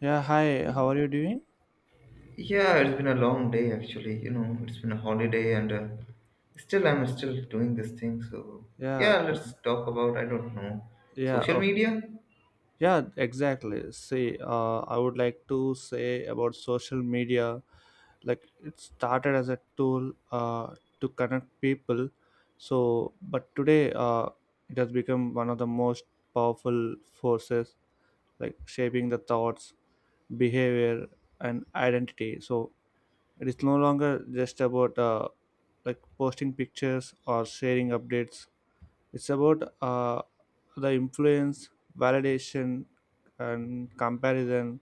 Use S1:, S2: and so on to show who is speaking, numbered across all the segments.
S1: Yeah, hi. How are you doing?
S2: Yeah, it's been a long day actually. You know, it's been a holiday and still I'm still doing this thing. So
S1: Yeah,
S2: yeah, let's talk about, I don't know,
S1: yeah,
S2: social
S1: okay.
S2: media.
S1: Yeah, exactly. See, I would like to say about social media. Like, it started as a tool to connect people. So, but today, it has become one of the most powerful forces, like shaping the thoughts, behavior, and identity. So, it is no longer just about like posting pictures or sharing updates. It's about the influence, validation, and comparison.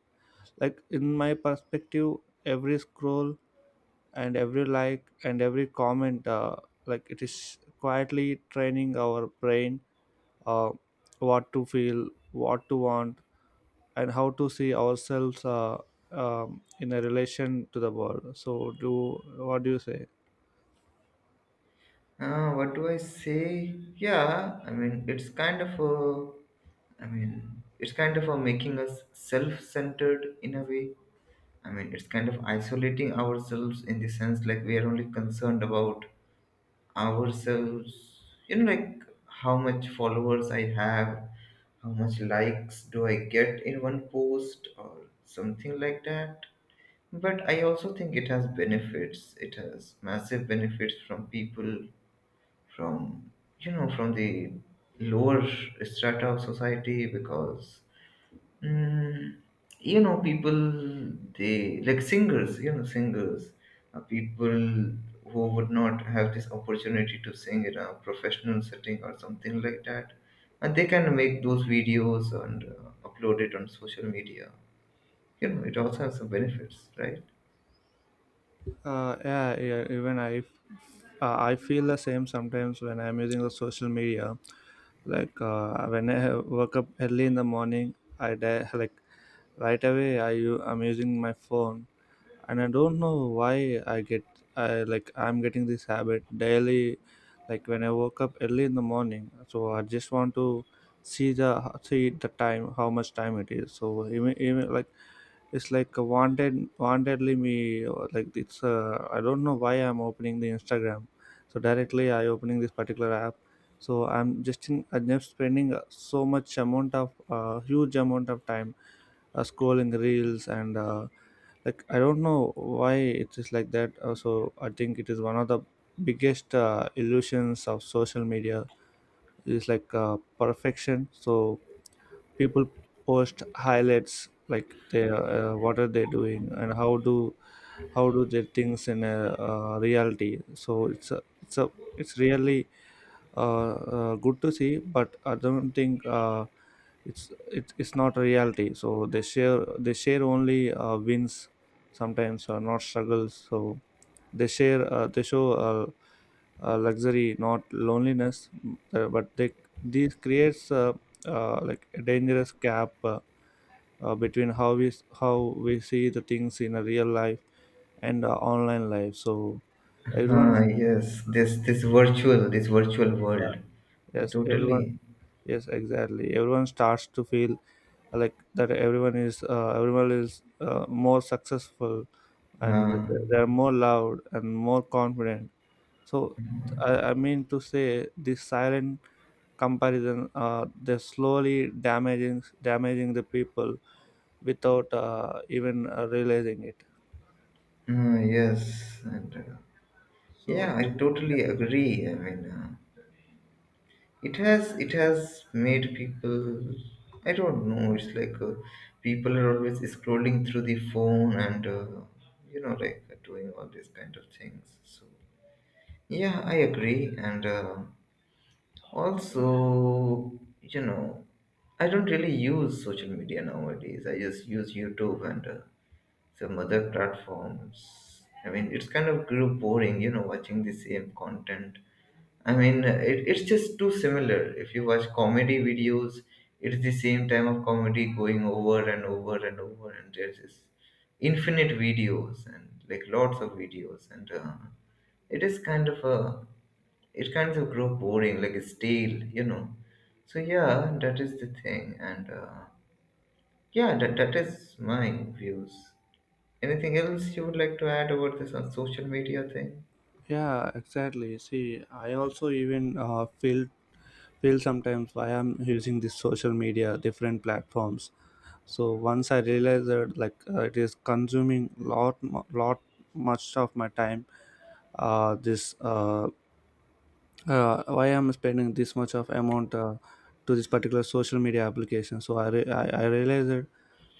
S1: Like, in my perspective, every scroll and every like and every comment, like it is quietly training our brain, uh, what to feel, what to want, and how to see ourselves, in a relation to the world. So, do what do you say?
S2: What do I say? Yeah, I mean it's kind of a making us self-centered in a way. I mean it's kind of isolating ourselves in the sense, like we are only concerned about ourselves. You know, like how much followers I have, how much likes do I get in one post or something like that. But I also think it has benefits. It has massive benefits from people, from, you know, from the lower strata of society. Because Mm, you know, people, they like singers, you know, singers, people who would not have this opportunity to sing in a professional setting or something like that, and they can make those videos and upload it on social media. You know, it also has some benefits, right?
S1: Yeah, yeah, even I feel the same sometimes when I'm using the social media. Like, when woke up early in the morning, like right away I'm using my phone, and I don't know why I'm getting this habit daily. Like, when I woke up early in the morning, so I just want to see the see the time, how much time it is. So even like it's like a wantedly me, like it's, I don't know why I'm opening the Instagram. So directly I opening this particular app. So I'm just spending, so much amount of huge amount of time, scrolling reels and, like I don't know why it is like that. So I think it is one of the biggest, illusions of social media is, like, perfection. So people post highlights, like they, what are they doing and how do they things in a reality. So it's really, good to see, but I don't think, it's, it's not a reality. So they share only, wins sometimes, not struggles. So they show, luxury, not loneliness. But they this creates, like, a dangerous gap, between how we see the things in a real life and, online life. So everyone's
S2: Ah, yes, this virtual, this virtual world, I
S1: yes, everyone
S2: totally.
S1: yes, exactly, everyone starts to feel like that everyone is, more successful, and
S2: Uh,
S1: they're more loud and more confident. So I mean to say, this silent comparison, they're slowly damaging the people without, even, realizing it.
S2: yes, and
S1: So
S2: yeah, I
S1: yeah.
S2: totally agree. I mean. It has made people, I don't know, it's like, people are always scrolling through the phone and you know, like, doing all these kind of things. So yeah, I agree, and also, you know, I don't really use social media nowadays. I just use YouTube and some other platforms. I mean, it's kind of grew boring, you know, watching the same content. I mean, it's just too similar. If you watch comedy videos, it's the same type of comedy going over and over and over, and there's just infinite videos, and like lots of videos, and it is kind of a, it kind of grow boring, like stale, you know. So yeah, that is the thing, and yeah, that is my views. Anything else you would like to add about this on social media thing?
S1: Yeah, exactly, see, I also even, feel sometimes why I'm using this social media, different platforms. So once I realized that, like, it is consuming lot much of my time, this why I'm spending this much of amount, to this particular social media application. So I realized it.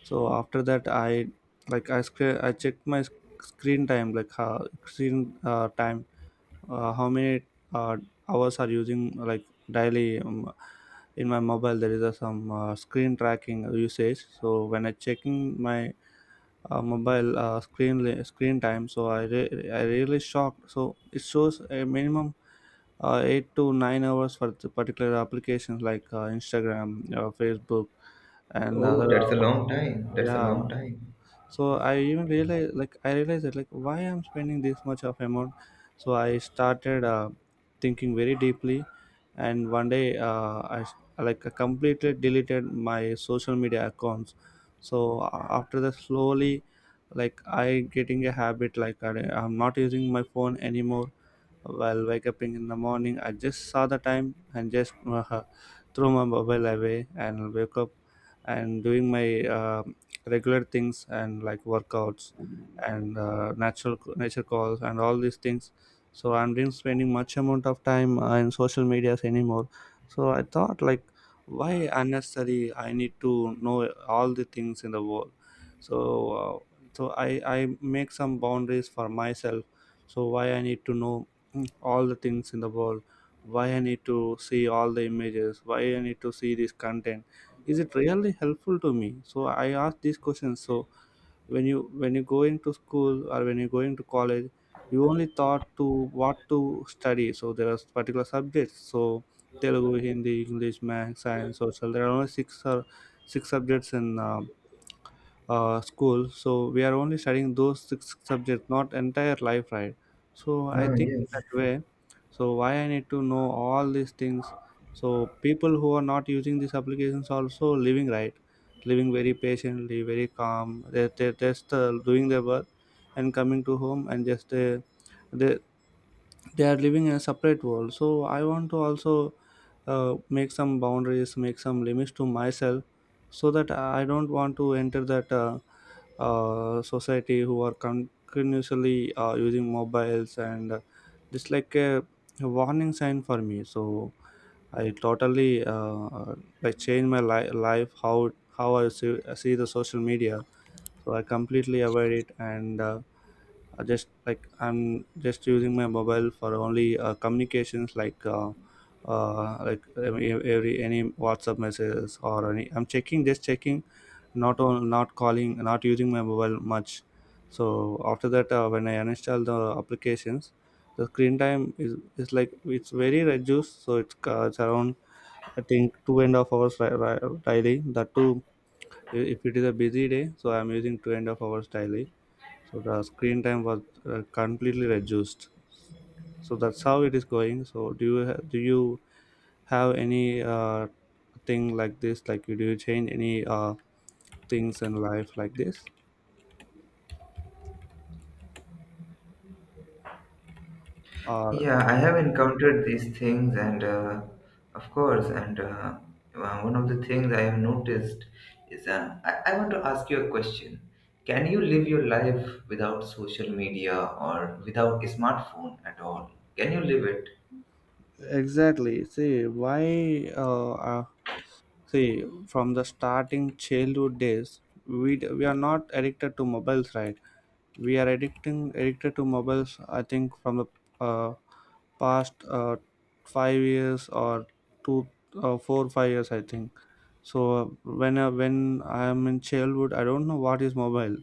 S1: So after that, I checked my screen time, like how screen, time, how many, uh, hours are using, like, daily. In my mobile there is some, screen tracking usage. So when I checking my, mobile, screen time, so I really shocked. So it shows a minimum, 8 to 9 hours, for the particular applications, like, Instagram, Facebook, and
S2: Oh,
S1: other,
S2: that's a long time. That's a
S1: yeah.
S2: long time.
S1: So
S2: Yes.
S1: I even realized, like I realized that like, why I'm spending this much of amount. So I started, thinking very deeply. And one day, I s- like I completely deleted my social media accounts. So after that, slowly, like, I getting a habit, like, I'm not using my phone anymore. While wake up in the morning, I just saw the time and just, threw my mobile away and wake up and doing my, regular things, and like workouts, and, natural nature calls and all these things. So I'm not spending much amount of time, in social medias anymore. So I thought, like, why unnecessary I need to know all the things in the world. So, uh, so I make some boundaries for myself. So why I need to know all the things in the world? Why I need to see all the images? Why I need to see this content? Is it really helpful to me? So I ask these questions. So when you, going to school, or when you're going to college, you only thought to what to study. So there are particular subjects. So Telugu, Hindi, English, math, science, social, there are only six subjects in, school. So we are only studying those six subjects, not entire life, right? So I
S2: Oh,
S1: think
S2: yes.
S1: that way. So why I need to know all these things? So people who are not using these applications also living, right? Living very patiently, very calm. They just, doing their work and coming to home, and just, they they are living in a separate world. So I want to also, make some boundaries, make some limits to myself, so that I don't want to enter that, society who are continuously, using mobiles, and, just like a warning sign for me. So I totally, like, change my life, how I see the social media. So I completely avoid it, and, I'm just using my mobile for only, communications, like, like every any WhatsApp messages, or any, I'm checking just checking, not calling, not using my mobile much. So after that, when I uninstall the applications, the screen time is like, it's very reduced. So it's, around, I think, 2.5 hours, daily, that too, if it is a busy day. So I'm using 2.5 hours daily. So the screen time was, completely reduced. So that's how it is going. So do you have any, thing like this, like, do you change any, things in life like this, or
S2: Yeah, I have encountered these things, and of course, and one of the things I have noticed is, uh, I want to ask you a question. Can you live your life without social media or without a smartphone at all? Can you live it?
S1: exactly, see, why uh, uh, see, from the starting childhood days, we are not addicted to mobiles, right? We are addicting addicted to mobiles. I think from the, uh, past, 5 years, or two, four, 5 years. I think so. When when I am in childhood, I don't know what is mobile.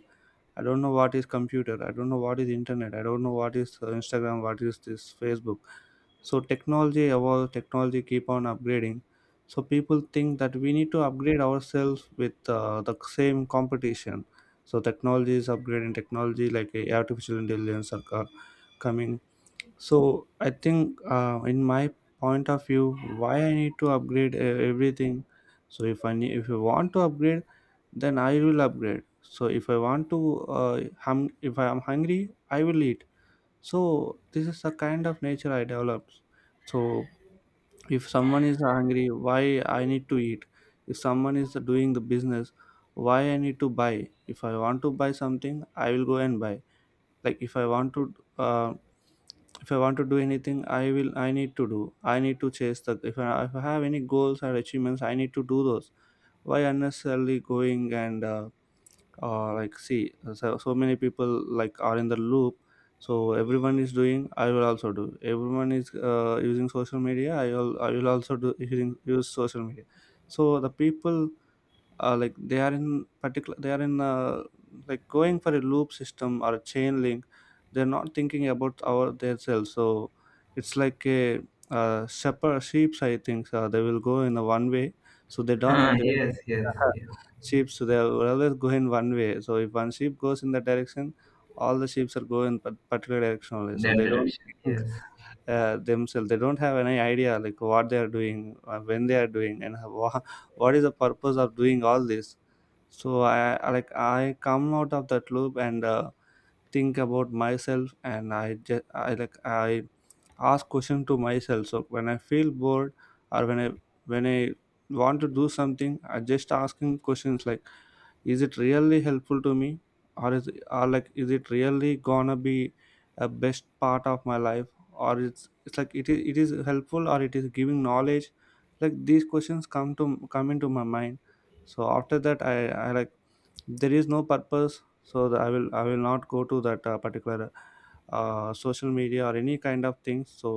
S1: I don't know what is computer. I don't know what is internet. I don't know what is, Instagram. What is this Facebook? So technology evolve. Technology keep on upgrading. So people think that we need to upgrade ourselves with, the same competition. So technology is upgrading. Technology, like, artificial intelligence are coming. So I think, in my point of view, why I need to upgrade, everything. So if if you want to upgrade, then I will upgrade. So if I want to, hum, if I am hungry, I will eat. So this is the kind of nature I developed. So if someone is hungry, why I need to eat? If someone is doing the business, why I need to buy? If I want to buy something, I will go and buy. Like, uh, if I want to do anything, I need to do. I need to chase the if I have any goals or achievements, I need to do those. Why unnecessarily going and, like, see, so many people, like, are in the loop. So everyone is doing, I will also do. Everyone is, using social media, I will also do, using use social media. So the people, like, they are in, like, going for a loop system or a chain link. They're not thinking about our their selves. So it's like a, shepherd sheeps, I think, they will go in a one way. So they
S2: Huh,
S1: don't they
S2: yes, yes, yes.
S1: sheep, so they will always go in one way. So if one sheep goes in that direction, all the sheep are going in particular direction only,
S2: In
S1: so
S2: that
S1: they don't
S2: direction, yes.
S1: themselves, they don't have any idea, like, what they are doing, when they are doing, and how, what is the purpose of doing all this. So I come out of that loop and, think about myself. And I just I like I ask question to myself. So when I feel bored, or when I, when i want to do something, I just asking questions, like, is it really helpful to me, or is or like is it really gonna be a best part of my life, or it's like, it is helpful, or It is giving knowledge. Like, these questions come to come into my mind. So after that, I like there is no purpose, so I will I will not go to that particular social media or any kind of things. So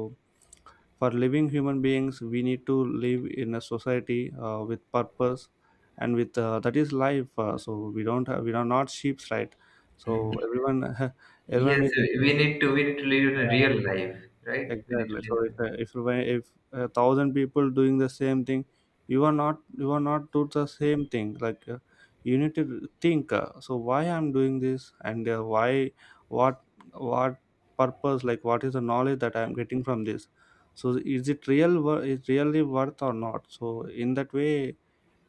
S1: for living human beings, we need to live in a society, with purpose, and with that is life, so we don't have we are not sheep, right? So everyone everyone
S2: Yes,
S1: is
S2: we need to, we need to live in a
S1: uh,
S2: real life, right? We need to
S1: exactly.
S2: live
S1: So
S2: in a—
S1: if if a thousand people doing the same thing, you are not, you are not do the same thing, like you need to think, so why I'm doing this, and why, what what purpose, like what is the knowledge that I'm getting from this. So is it is really worth or not. So in that way,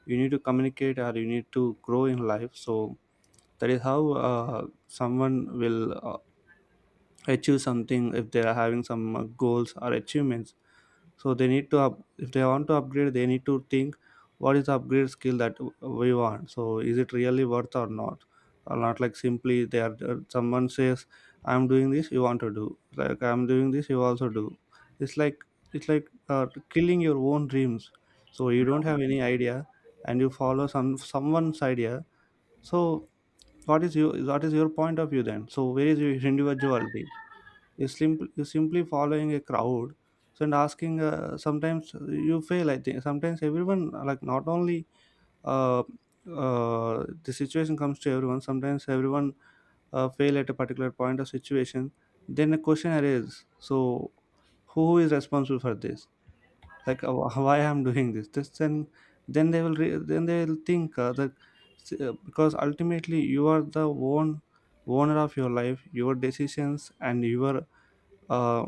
S1: you need to communicate or you need to grow in life. So that is how someone will uh, achieve something, if they are having some goals or achievements. So they need to up if they want to upgrade, they need to think what is the upgrade skill that we want. So is it really worth or not, or not. Like, simply they are, someone says I'm doing this, you want to do, like I'm doing this, you also do. It's like it's like uh, killing your own dreams. So you don't have any idea, and you follow someone's idea. So what is you, what is your point of view then? So where is your individuality? You simply You simply following a crowd. So, and asking, sometimes you fail. I think sometimes everyone, like, not only uh, the situation comes to everyone. Sometimes everyone fail at a particular point of situation. Then a question arises, so who is responsible for this? Like, why I'm doing this then. Then they will then they will think that because ultimately you are the one owner of your life, your decisions, and your uh,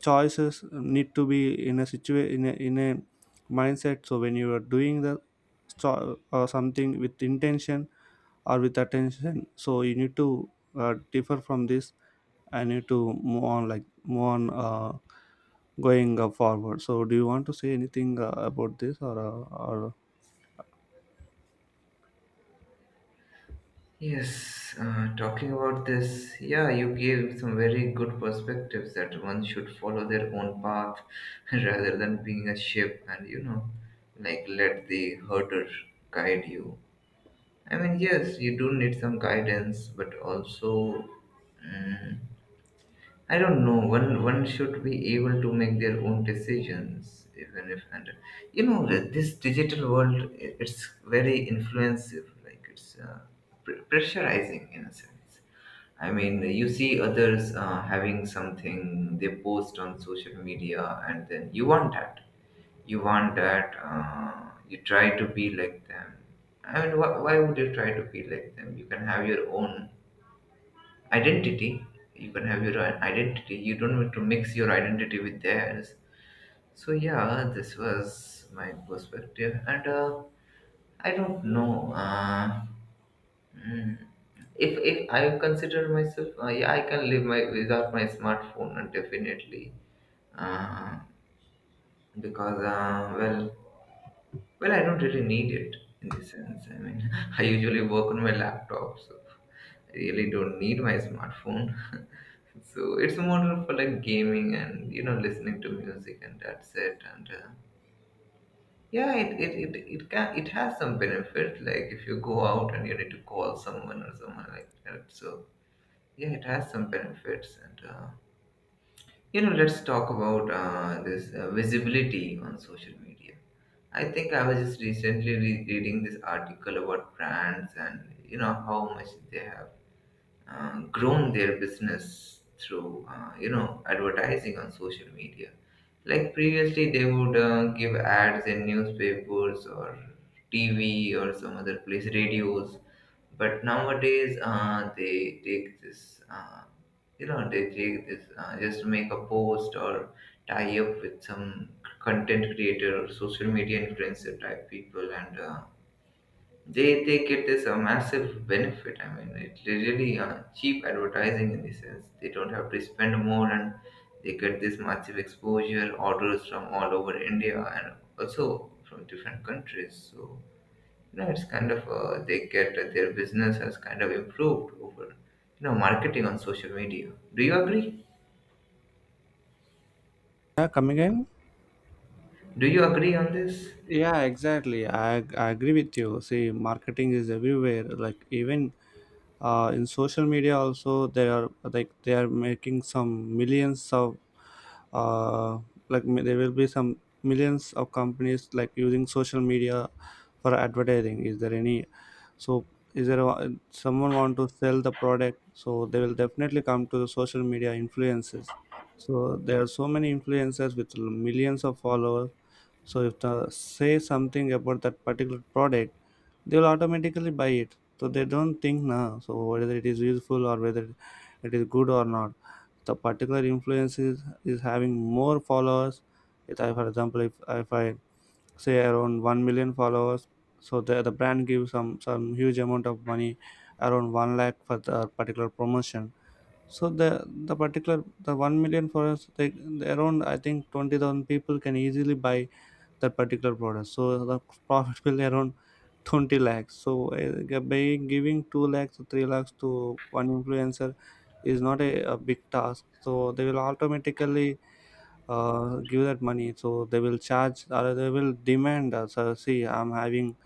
S1: choices need to be in a situation, in a mindset. So when you are doing the something with intention or with attention, so you need to differ from this. I need to move on, like move on, going forward. So do you want to say anything about this, or?
S2: Yes, talking about this, yeah, you gave some very good perspectives that one should follow their own path, rather than being a ship and, you know, like let the herder guide you. I mean, yes, you do need some guidance, but also. Mm. I don't know. One should be able to make their own decisions, even if, and you know, this digital world. It's very influencing. Like it's pressurizing in a sense. I mean, you see others having something they post on social media, and then you want that. You want that. You try to be like them. I mean, why would you try to be like them? You can have your own identity, you can have your own identity. You don't want to mix your identity with theirs. So yeah, this was my perspective, and I don't know, mm, if I consider myself, yeah, I can live my without my smartphone, and definitely, uh, because, well, well, I don't really need it in this sense, I mean, I usually work on my laptop, so I really don't need my smartphone. So it's more for like gaming and, you know, listening to music, and that's it. And yeah, it, it can, it has some benefit. Like if you go out and you need to call someone or someone like that. So yeah, it has some benefits. And you know, let's talk about this visibility on social media. I think I was just recently reading this article about brands and, you know, how much they have grown their business through, you know, advertising on social media. Like previously, they would give ads in newspapers or TV or some other place, radios. But nowadays, they take this, you know, they take this, just make a post or tie up with some content creator or social media influencer type people, and uh, they get this a massive benefit. I mean, it's really cheap advertising in the sense they don't have to spend more, and they get this massive exposure, orders from all over India and also from different countries. So you know, it's kind of they get, their business has kind of improved over, you know, marketing on social media. Do you agree?
S1: Yeah, come again.
S2: Do you agree on this?
S1: Yeah, exactly. I agree with you. See, marketing is everywhere. Like, even in social media also, they are like, they are making some millions of uh, like, there will be some millions of companies, like, using social media for advertising. Is there any? So is there someone want to sell the product, so they will definitely come to the social media influences. So there are so many influencers with millions of followers. So if they say something about that particular product, they'll automatically buy it. So they don't think now, so whether it is useful or whether it is good or not. The particular is having more followers. If I, For example, if I say around 1 million followers, so the brand gives some huge amount of money, around 1 lakh for the particular promotion. So the particular, the 1 million followers, they around, I think, 20,000 people can easily buy that particular product. So the profit will be around 20 lakhs. So by giving 2 lakhs or 3 lakhs to one influencer is not a big task. So they will automatically give that money. So they will charge, or they will demand us. So, see, I'm having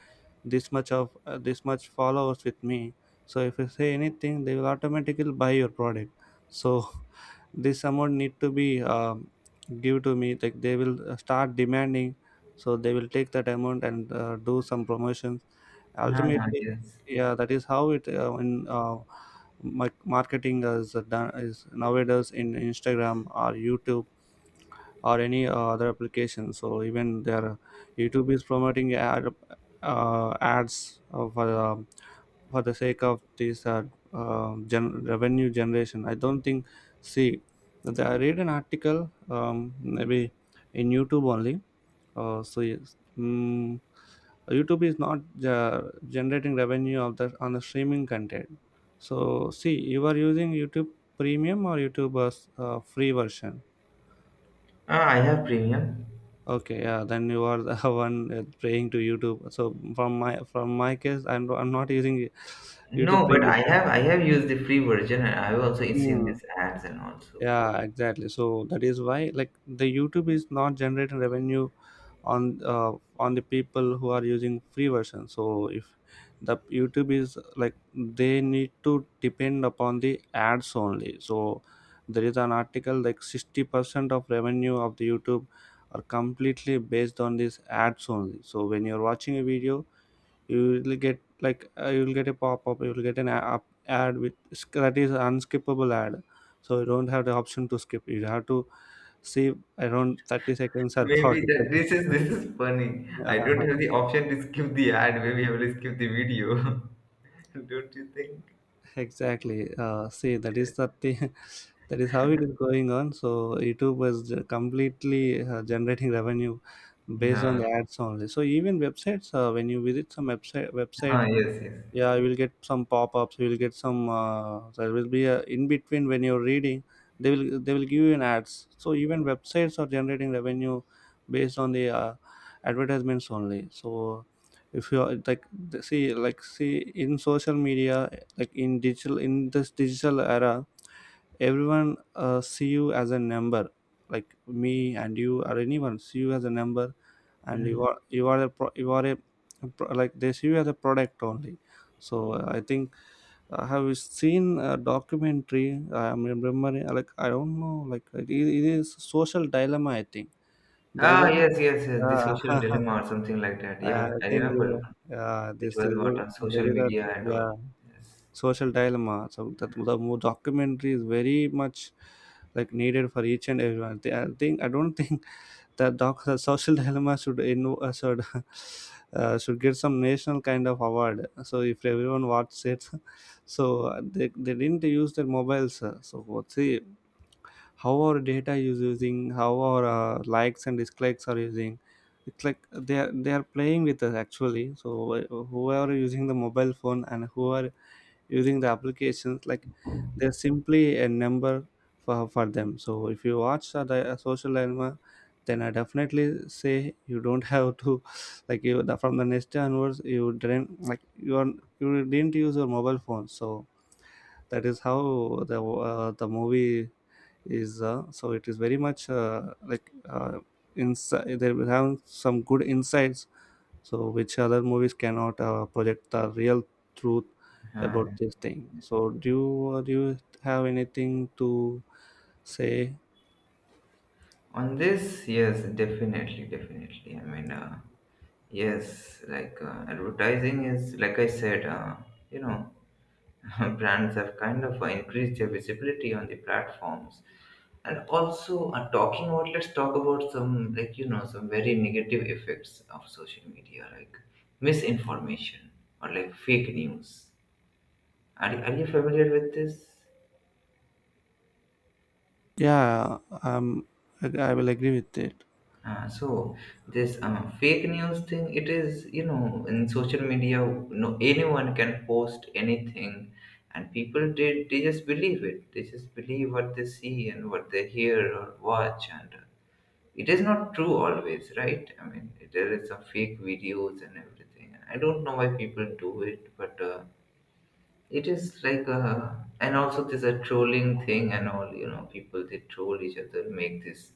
S1: this much of this much followers with me. So if you say anything, they will automatically buy your product. So this amount need to be give to me. Like, they will start demanding. So they will take that amount and do some promotions
S2: Ah,
S1: ultimately.
S2: yes.
S1: Yeah, that is how it, marketing is done is nowadays in Instagram or YouTube or any other application. So even their YouTube is promoting ads for the sake of this revenue generation. I don't think, see, I read an article, maybe in YouTube only, so yes, mm, YouTube is not uh, generating revenue of the on the streaming content. So see, you are using YouTube Premium or YouTube free version.
S2: Ah, I have premium.
S1: Okay, yeah, then you are the one praying to YouTube. So from my case, I'm not using YouTube
S2: No, but I have, I have used the free version, and I've also seen
S1: Premium.
S2: these ads and also.
S1: Yeah, exactly. So that is why, like, the YouTube is not generating revenue on uh, on the people who are using free version. So if the YouTube is like, they need to depend upon the ads only. So there is an article, like 60% of revenue of the YouTube are completely based on these ads only. So when you're watching a video, you will get, like, you will get a pop-up, you will get an a- up ad with, that is unskippable ad. So you don't have the option to skip, you have to save around 30 seconds or
S2: Maybe
S1: 40
S2: that
S1: seconds.
S2: this is, this is funny. I don't
S1: uh,
S2: have the option to skip the ad. Maybe I will skip the video. Don't you think?
S1: exactly. See, that is the thing. That is how it is going on. So YouTube was completely generating revenue based on
S2: No.
S1: the ads only. So even websites, when you visit some websites,
S2: Ah, yes, yes.
S1: yeah, you will get some pop-ups, you will get some there will be a in between, when you're reading, they will give you an ads. So even websites are generating revenue based on the advertisements only. So if you are like see, like, see in social media, like in digital, in this digital era, everyone see you as a number. Like, me and you or anyone see you as a number. And you
S2: Mm.
S1: are, you are a like, they see you as a product only. So I think I have seen a documentary, I'm remembering, like I don't know, like it is Social Dilemma, I think. There is
S2: Ah,
S1: a
S2: yes, yes, yes. The social
S1: uh,
S2: dilemma or something like that. Yeah,
S1: I
S2: I
S1: think
S2: remember one, which
S1: this
S2: was what on
S1: there
S2: social
S1: is a,
S2: media and all.
S1: yeah,
S2: Yes.
S1: Social Dilemma. So that the more documentary is very much like needed for each and everyone. I think, I don't think that doc the Social Dilemma should in should should get some national kind of award. So if everyone watches it, so they didn't use their mobiles. So what, see how our data is using, how our likes and dislikes are using. It's like they are playing with us, actually. So whoever using the mobile phone and who are using the applications, like, they're simply a number for them. So if you watch a Social Dilemma, then I definitely say you don't have to, like you from the next day onwards you didn't, like, you are, you didn't use your mobile phone. So that is how the movie is, so it is very much like uh, inside they will have some good insights. So which other movies cannot project the real truth about
S2: Huh.
S1: this thing. So do you have anything to say?
S2: On this, yes, definitely, definitely. I mean, yes, like advertising is, like I said, you know. Brands have kind of increased their visibility on the platforms, and also talking about, let's talk about some, like, you know, some very negative effects of social media, like misinformation or like fake news. Are you familiar with this?
S1: Yeah, I will agree with it.
S2: So this fake news thing, it is, you know, in social media, no anyone can post anything, and people did they just believe it. They just believe what they see and what they hear or watch, and it is not true always, right? I mean, there is some fake videos and everything. I don't know why people do it, but. It is like a, and also there's a trolling thing and all, you know, people they troll each other, make these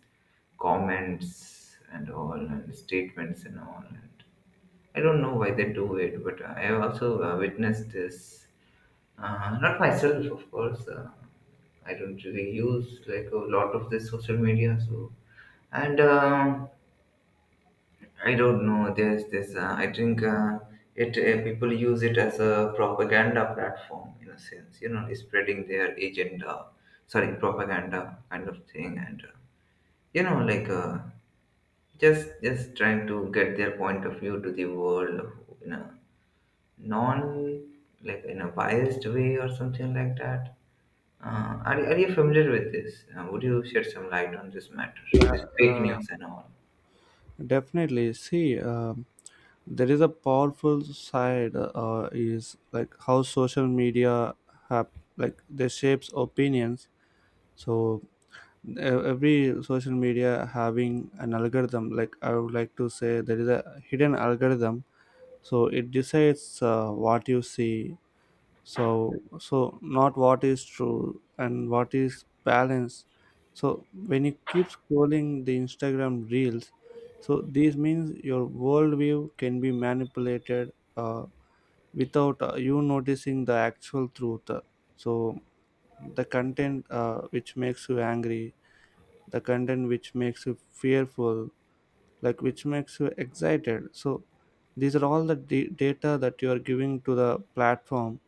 S2: comments and all, and statements and all. And I don't know why they do it, but I have also witnessed this. Not myself, of course. I don't really use like a lot of this social media, so, and. I don't know. There's this. I think it people use it as a propaganda platform in a sense. You know, spreading their agenda, sorry, propaganda kind of thing, and you know, like, just trying to get their point of view to the world in a non, like in a biased way or something like that. Are you familiar with this? Would you shed some light on this matter, this
S1: Yeah,
S2: fake news and all?
S1: definitely. See, there is a powerful side, is like how social media have, like, they shapes opinions. So every social media having an algorithm, like I would like to say there is a hidden algorithm. So it decides what you see. So, so not what is true and what is balance. So when you keep scrolling the Instagram reels, so this means your worldview can be manipulated, without you noticing the actual truth. So the content which makes you angry, the content which makes you fearful, like which makes you excited. So these are all the data that you are giving to the platform.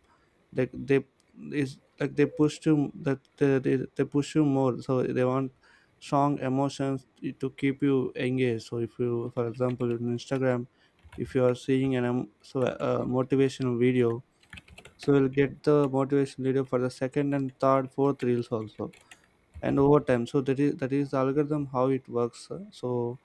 S1: Like, they is like they push you, that they push you more. So they want strong emotions to keep you engaged. So if you, for example, in Instagram, if you are seeing an so a motivational video, so you'll get the motivational video for the second and third, fourth reels also, and over time. So that is the algorithm how it works. So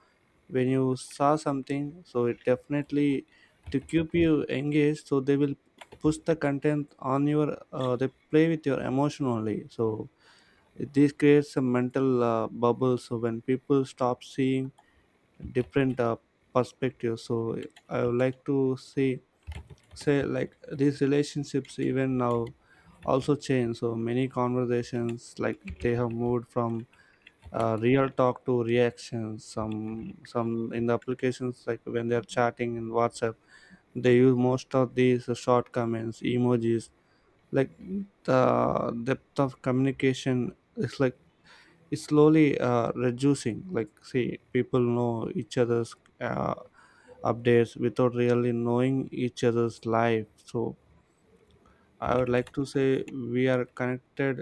S1: when you saw something, so it definitely, to keep you engaged, so they will push the content on your they play with your emotion only. So this creates a mental bubble. So when people stop seeing different perspectives, so I would like to see say like these relationships even now also change. So many conversations, like, they have moved from real talk to reactions. Some in the applications, like when they are chatting in WhatsApp, they use most of these short comments, emojis, like the depth of communication is like it's slowly reducing. Like, see, people know each other's uh, updates without really knowing each other's life. So I would like to say we are connected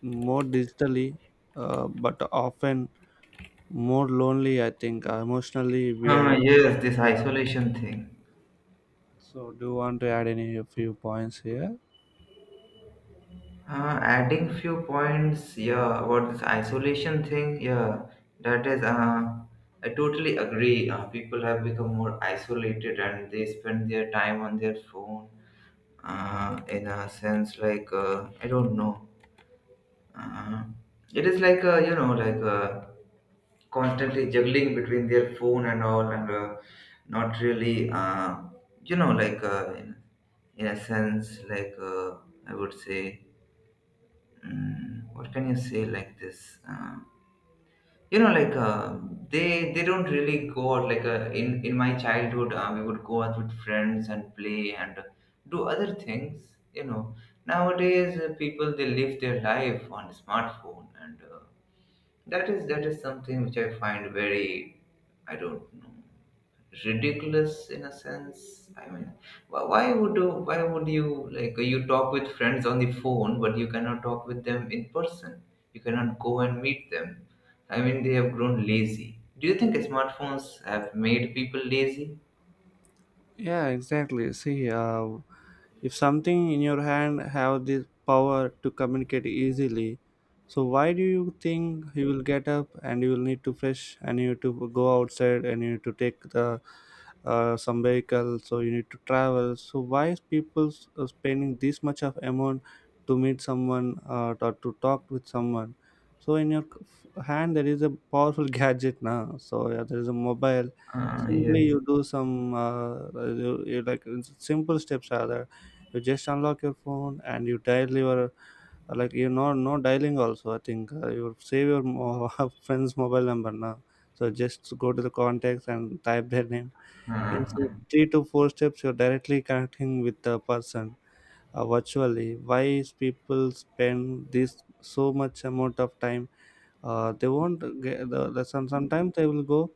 S1: more digitally, but often more lonely, I think. Emotionally, we are.
S2: Ah, yes, this isolation thing.
S1: So, do you want to add any few points here?
S2: Adding few points, yeah, about this isolation thing, yeah, that is, I totally agree. People have become more isolated and they spend their time on their phone. In a sense, like I don't know, uh, it is like you know, like constantly juggling between their phone and all, and not really, you know, like in a sense, like I would say. Mm, what can you say, like this you know, like they don't really go out, like in my childhood we would go out with friends and play and do other things, you know. Nowadays people they live their life on smartphone, and uh, that is something which I find very, I don't know, ridiculous in a sense. I mean, why would you, why would you, like, you talk with friends on the phone, but you cannot talk with them in person. You cannot go and meet them. I mean, they have grown lazy. Do you think smartphones have made people lazy?
S1: Yeah, exactly, see, if something in your hand have this power to communicate easily, so why do you think you will get up and you will need to fresh and you need to go outside and you need to take the some vehicle, so you need to travel. So why is people spending this much of amount to meet someone or to talk with someone? So in your hand there is a powerful gadget now. So yeah, there is a mobile.
S2: Ah,
S1: Simply
S2: yes.
S1: you do some you like simple steps are there. You just unlock your phone and you dial your like, you know, no dialing also, I think, you save your friend's mobile number now. So just go to the contacts and type their name in three to four steps. You're directly connecting with the person virtually. Why is people spend this so much amount of time? They won't get sometimes they will go,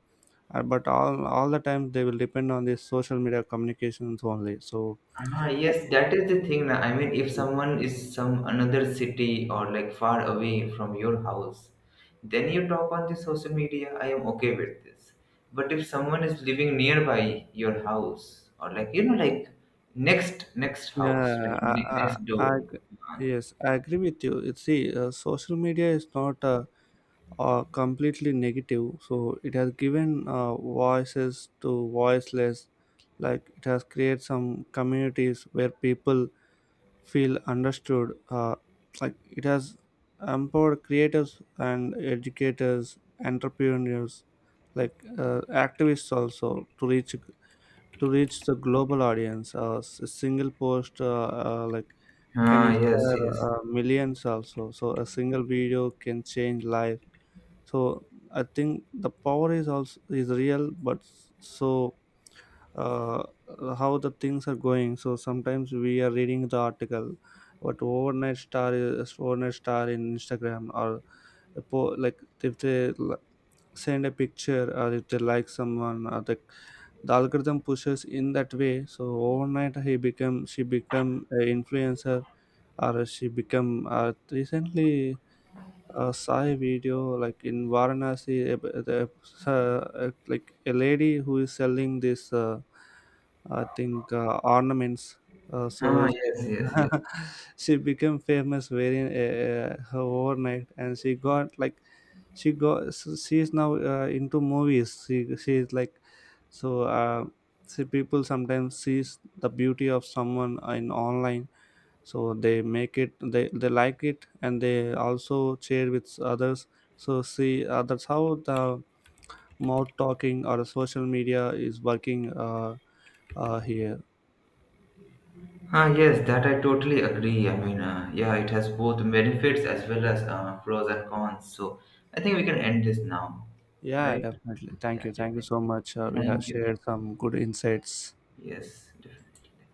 S1: but all the time they will depend on this social media communications only. So
S2: Ah,
S1: I
S2: yes,
S1: think—
S2: that is the thing. Na. I mean, if someone is some another city or like far away from your house, then you talk on the social media. I am okay with this. But if someone is living nearby your house or like you know like next next house,
S1: yeah,
S2: like next
S1: I,
S2: door.
S1: I ag- yes, I agree with you. See, social media is not completely negative. So it has given voices to voiceless. Like it has created some communities where people feel understood. Like it has empowered creators and educators, entrepreneurs, like activists also to reach the global audience. A single post like can
S2: Ah, yes,
S1: inspire
S2: yes.
S1: millions also. So a single video can change life. So I think the power is also is real, but so uh, how the things are going. So sometimes we are reading the article, what overnight star is overnight star in Instagram or like if they send a picture, or if they like someone, or the algorithm pushes in that way. So overnight he become she become a influencer, or she become, recently saw a video like in Varanasi, like a lady who is selling this, I think, ornaments. So
S2: Ah,
S1: she,
S2: yes, yes, yes.
S1: she became famous very her overnight, and she got like she got, so she is now into movies. She is like so. See, people sometimes sees the beauty of someone in online, so they make it, they like it and they also share with others. So, see, that's how the mouth talking or social media is working, here.
S2: Ah, yes, that I totally agree. I mean, yeah, it has both benefits as well as pros and cons. So I think we can end this now,
S1: Yeah,
S2: right?
S1: definitely, thank
S2: Yeah,
S1: you, thank you
S2: definitely.
S1: so much, we have
S2: Thank you.
S1: shared some good insights.
S2: Yes, definitely.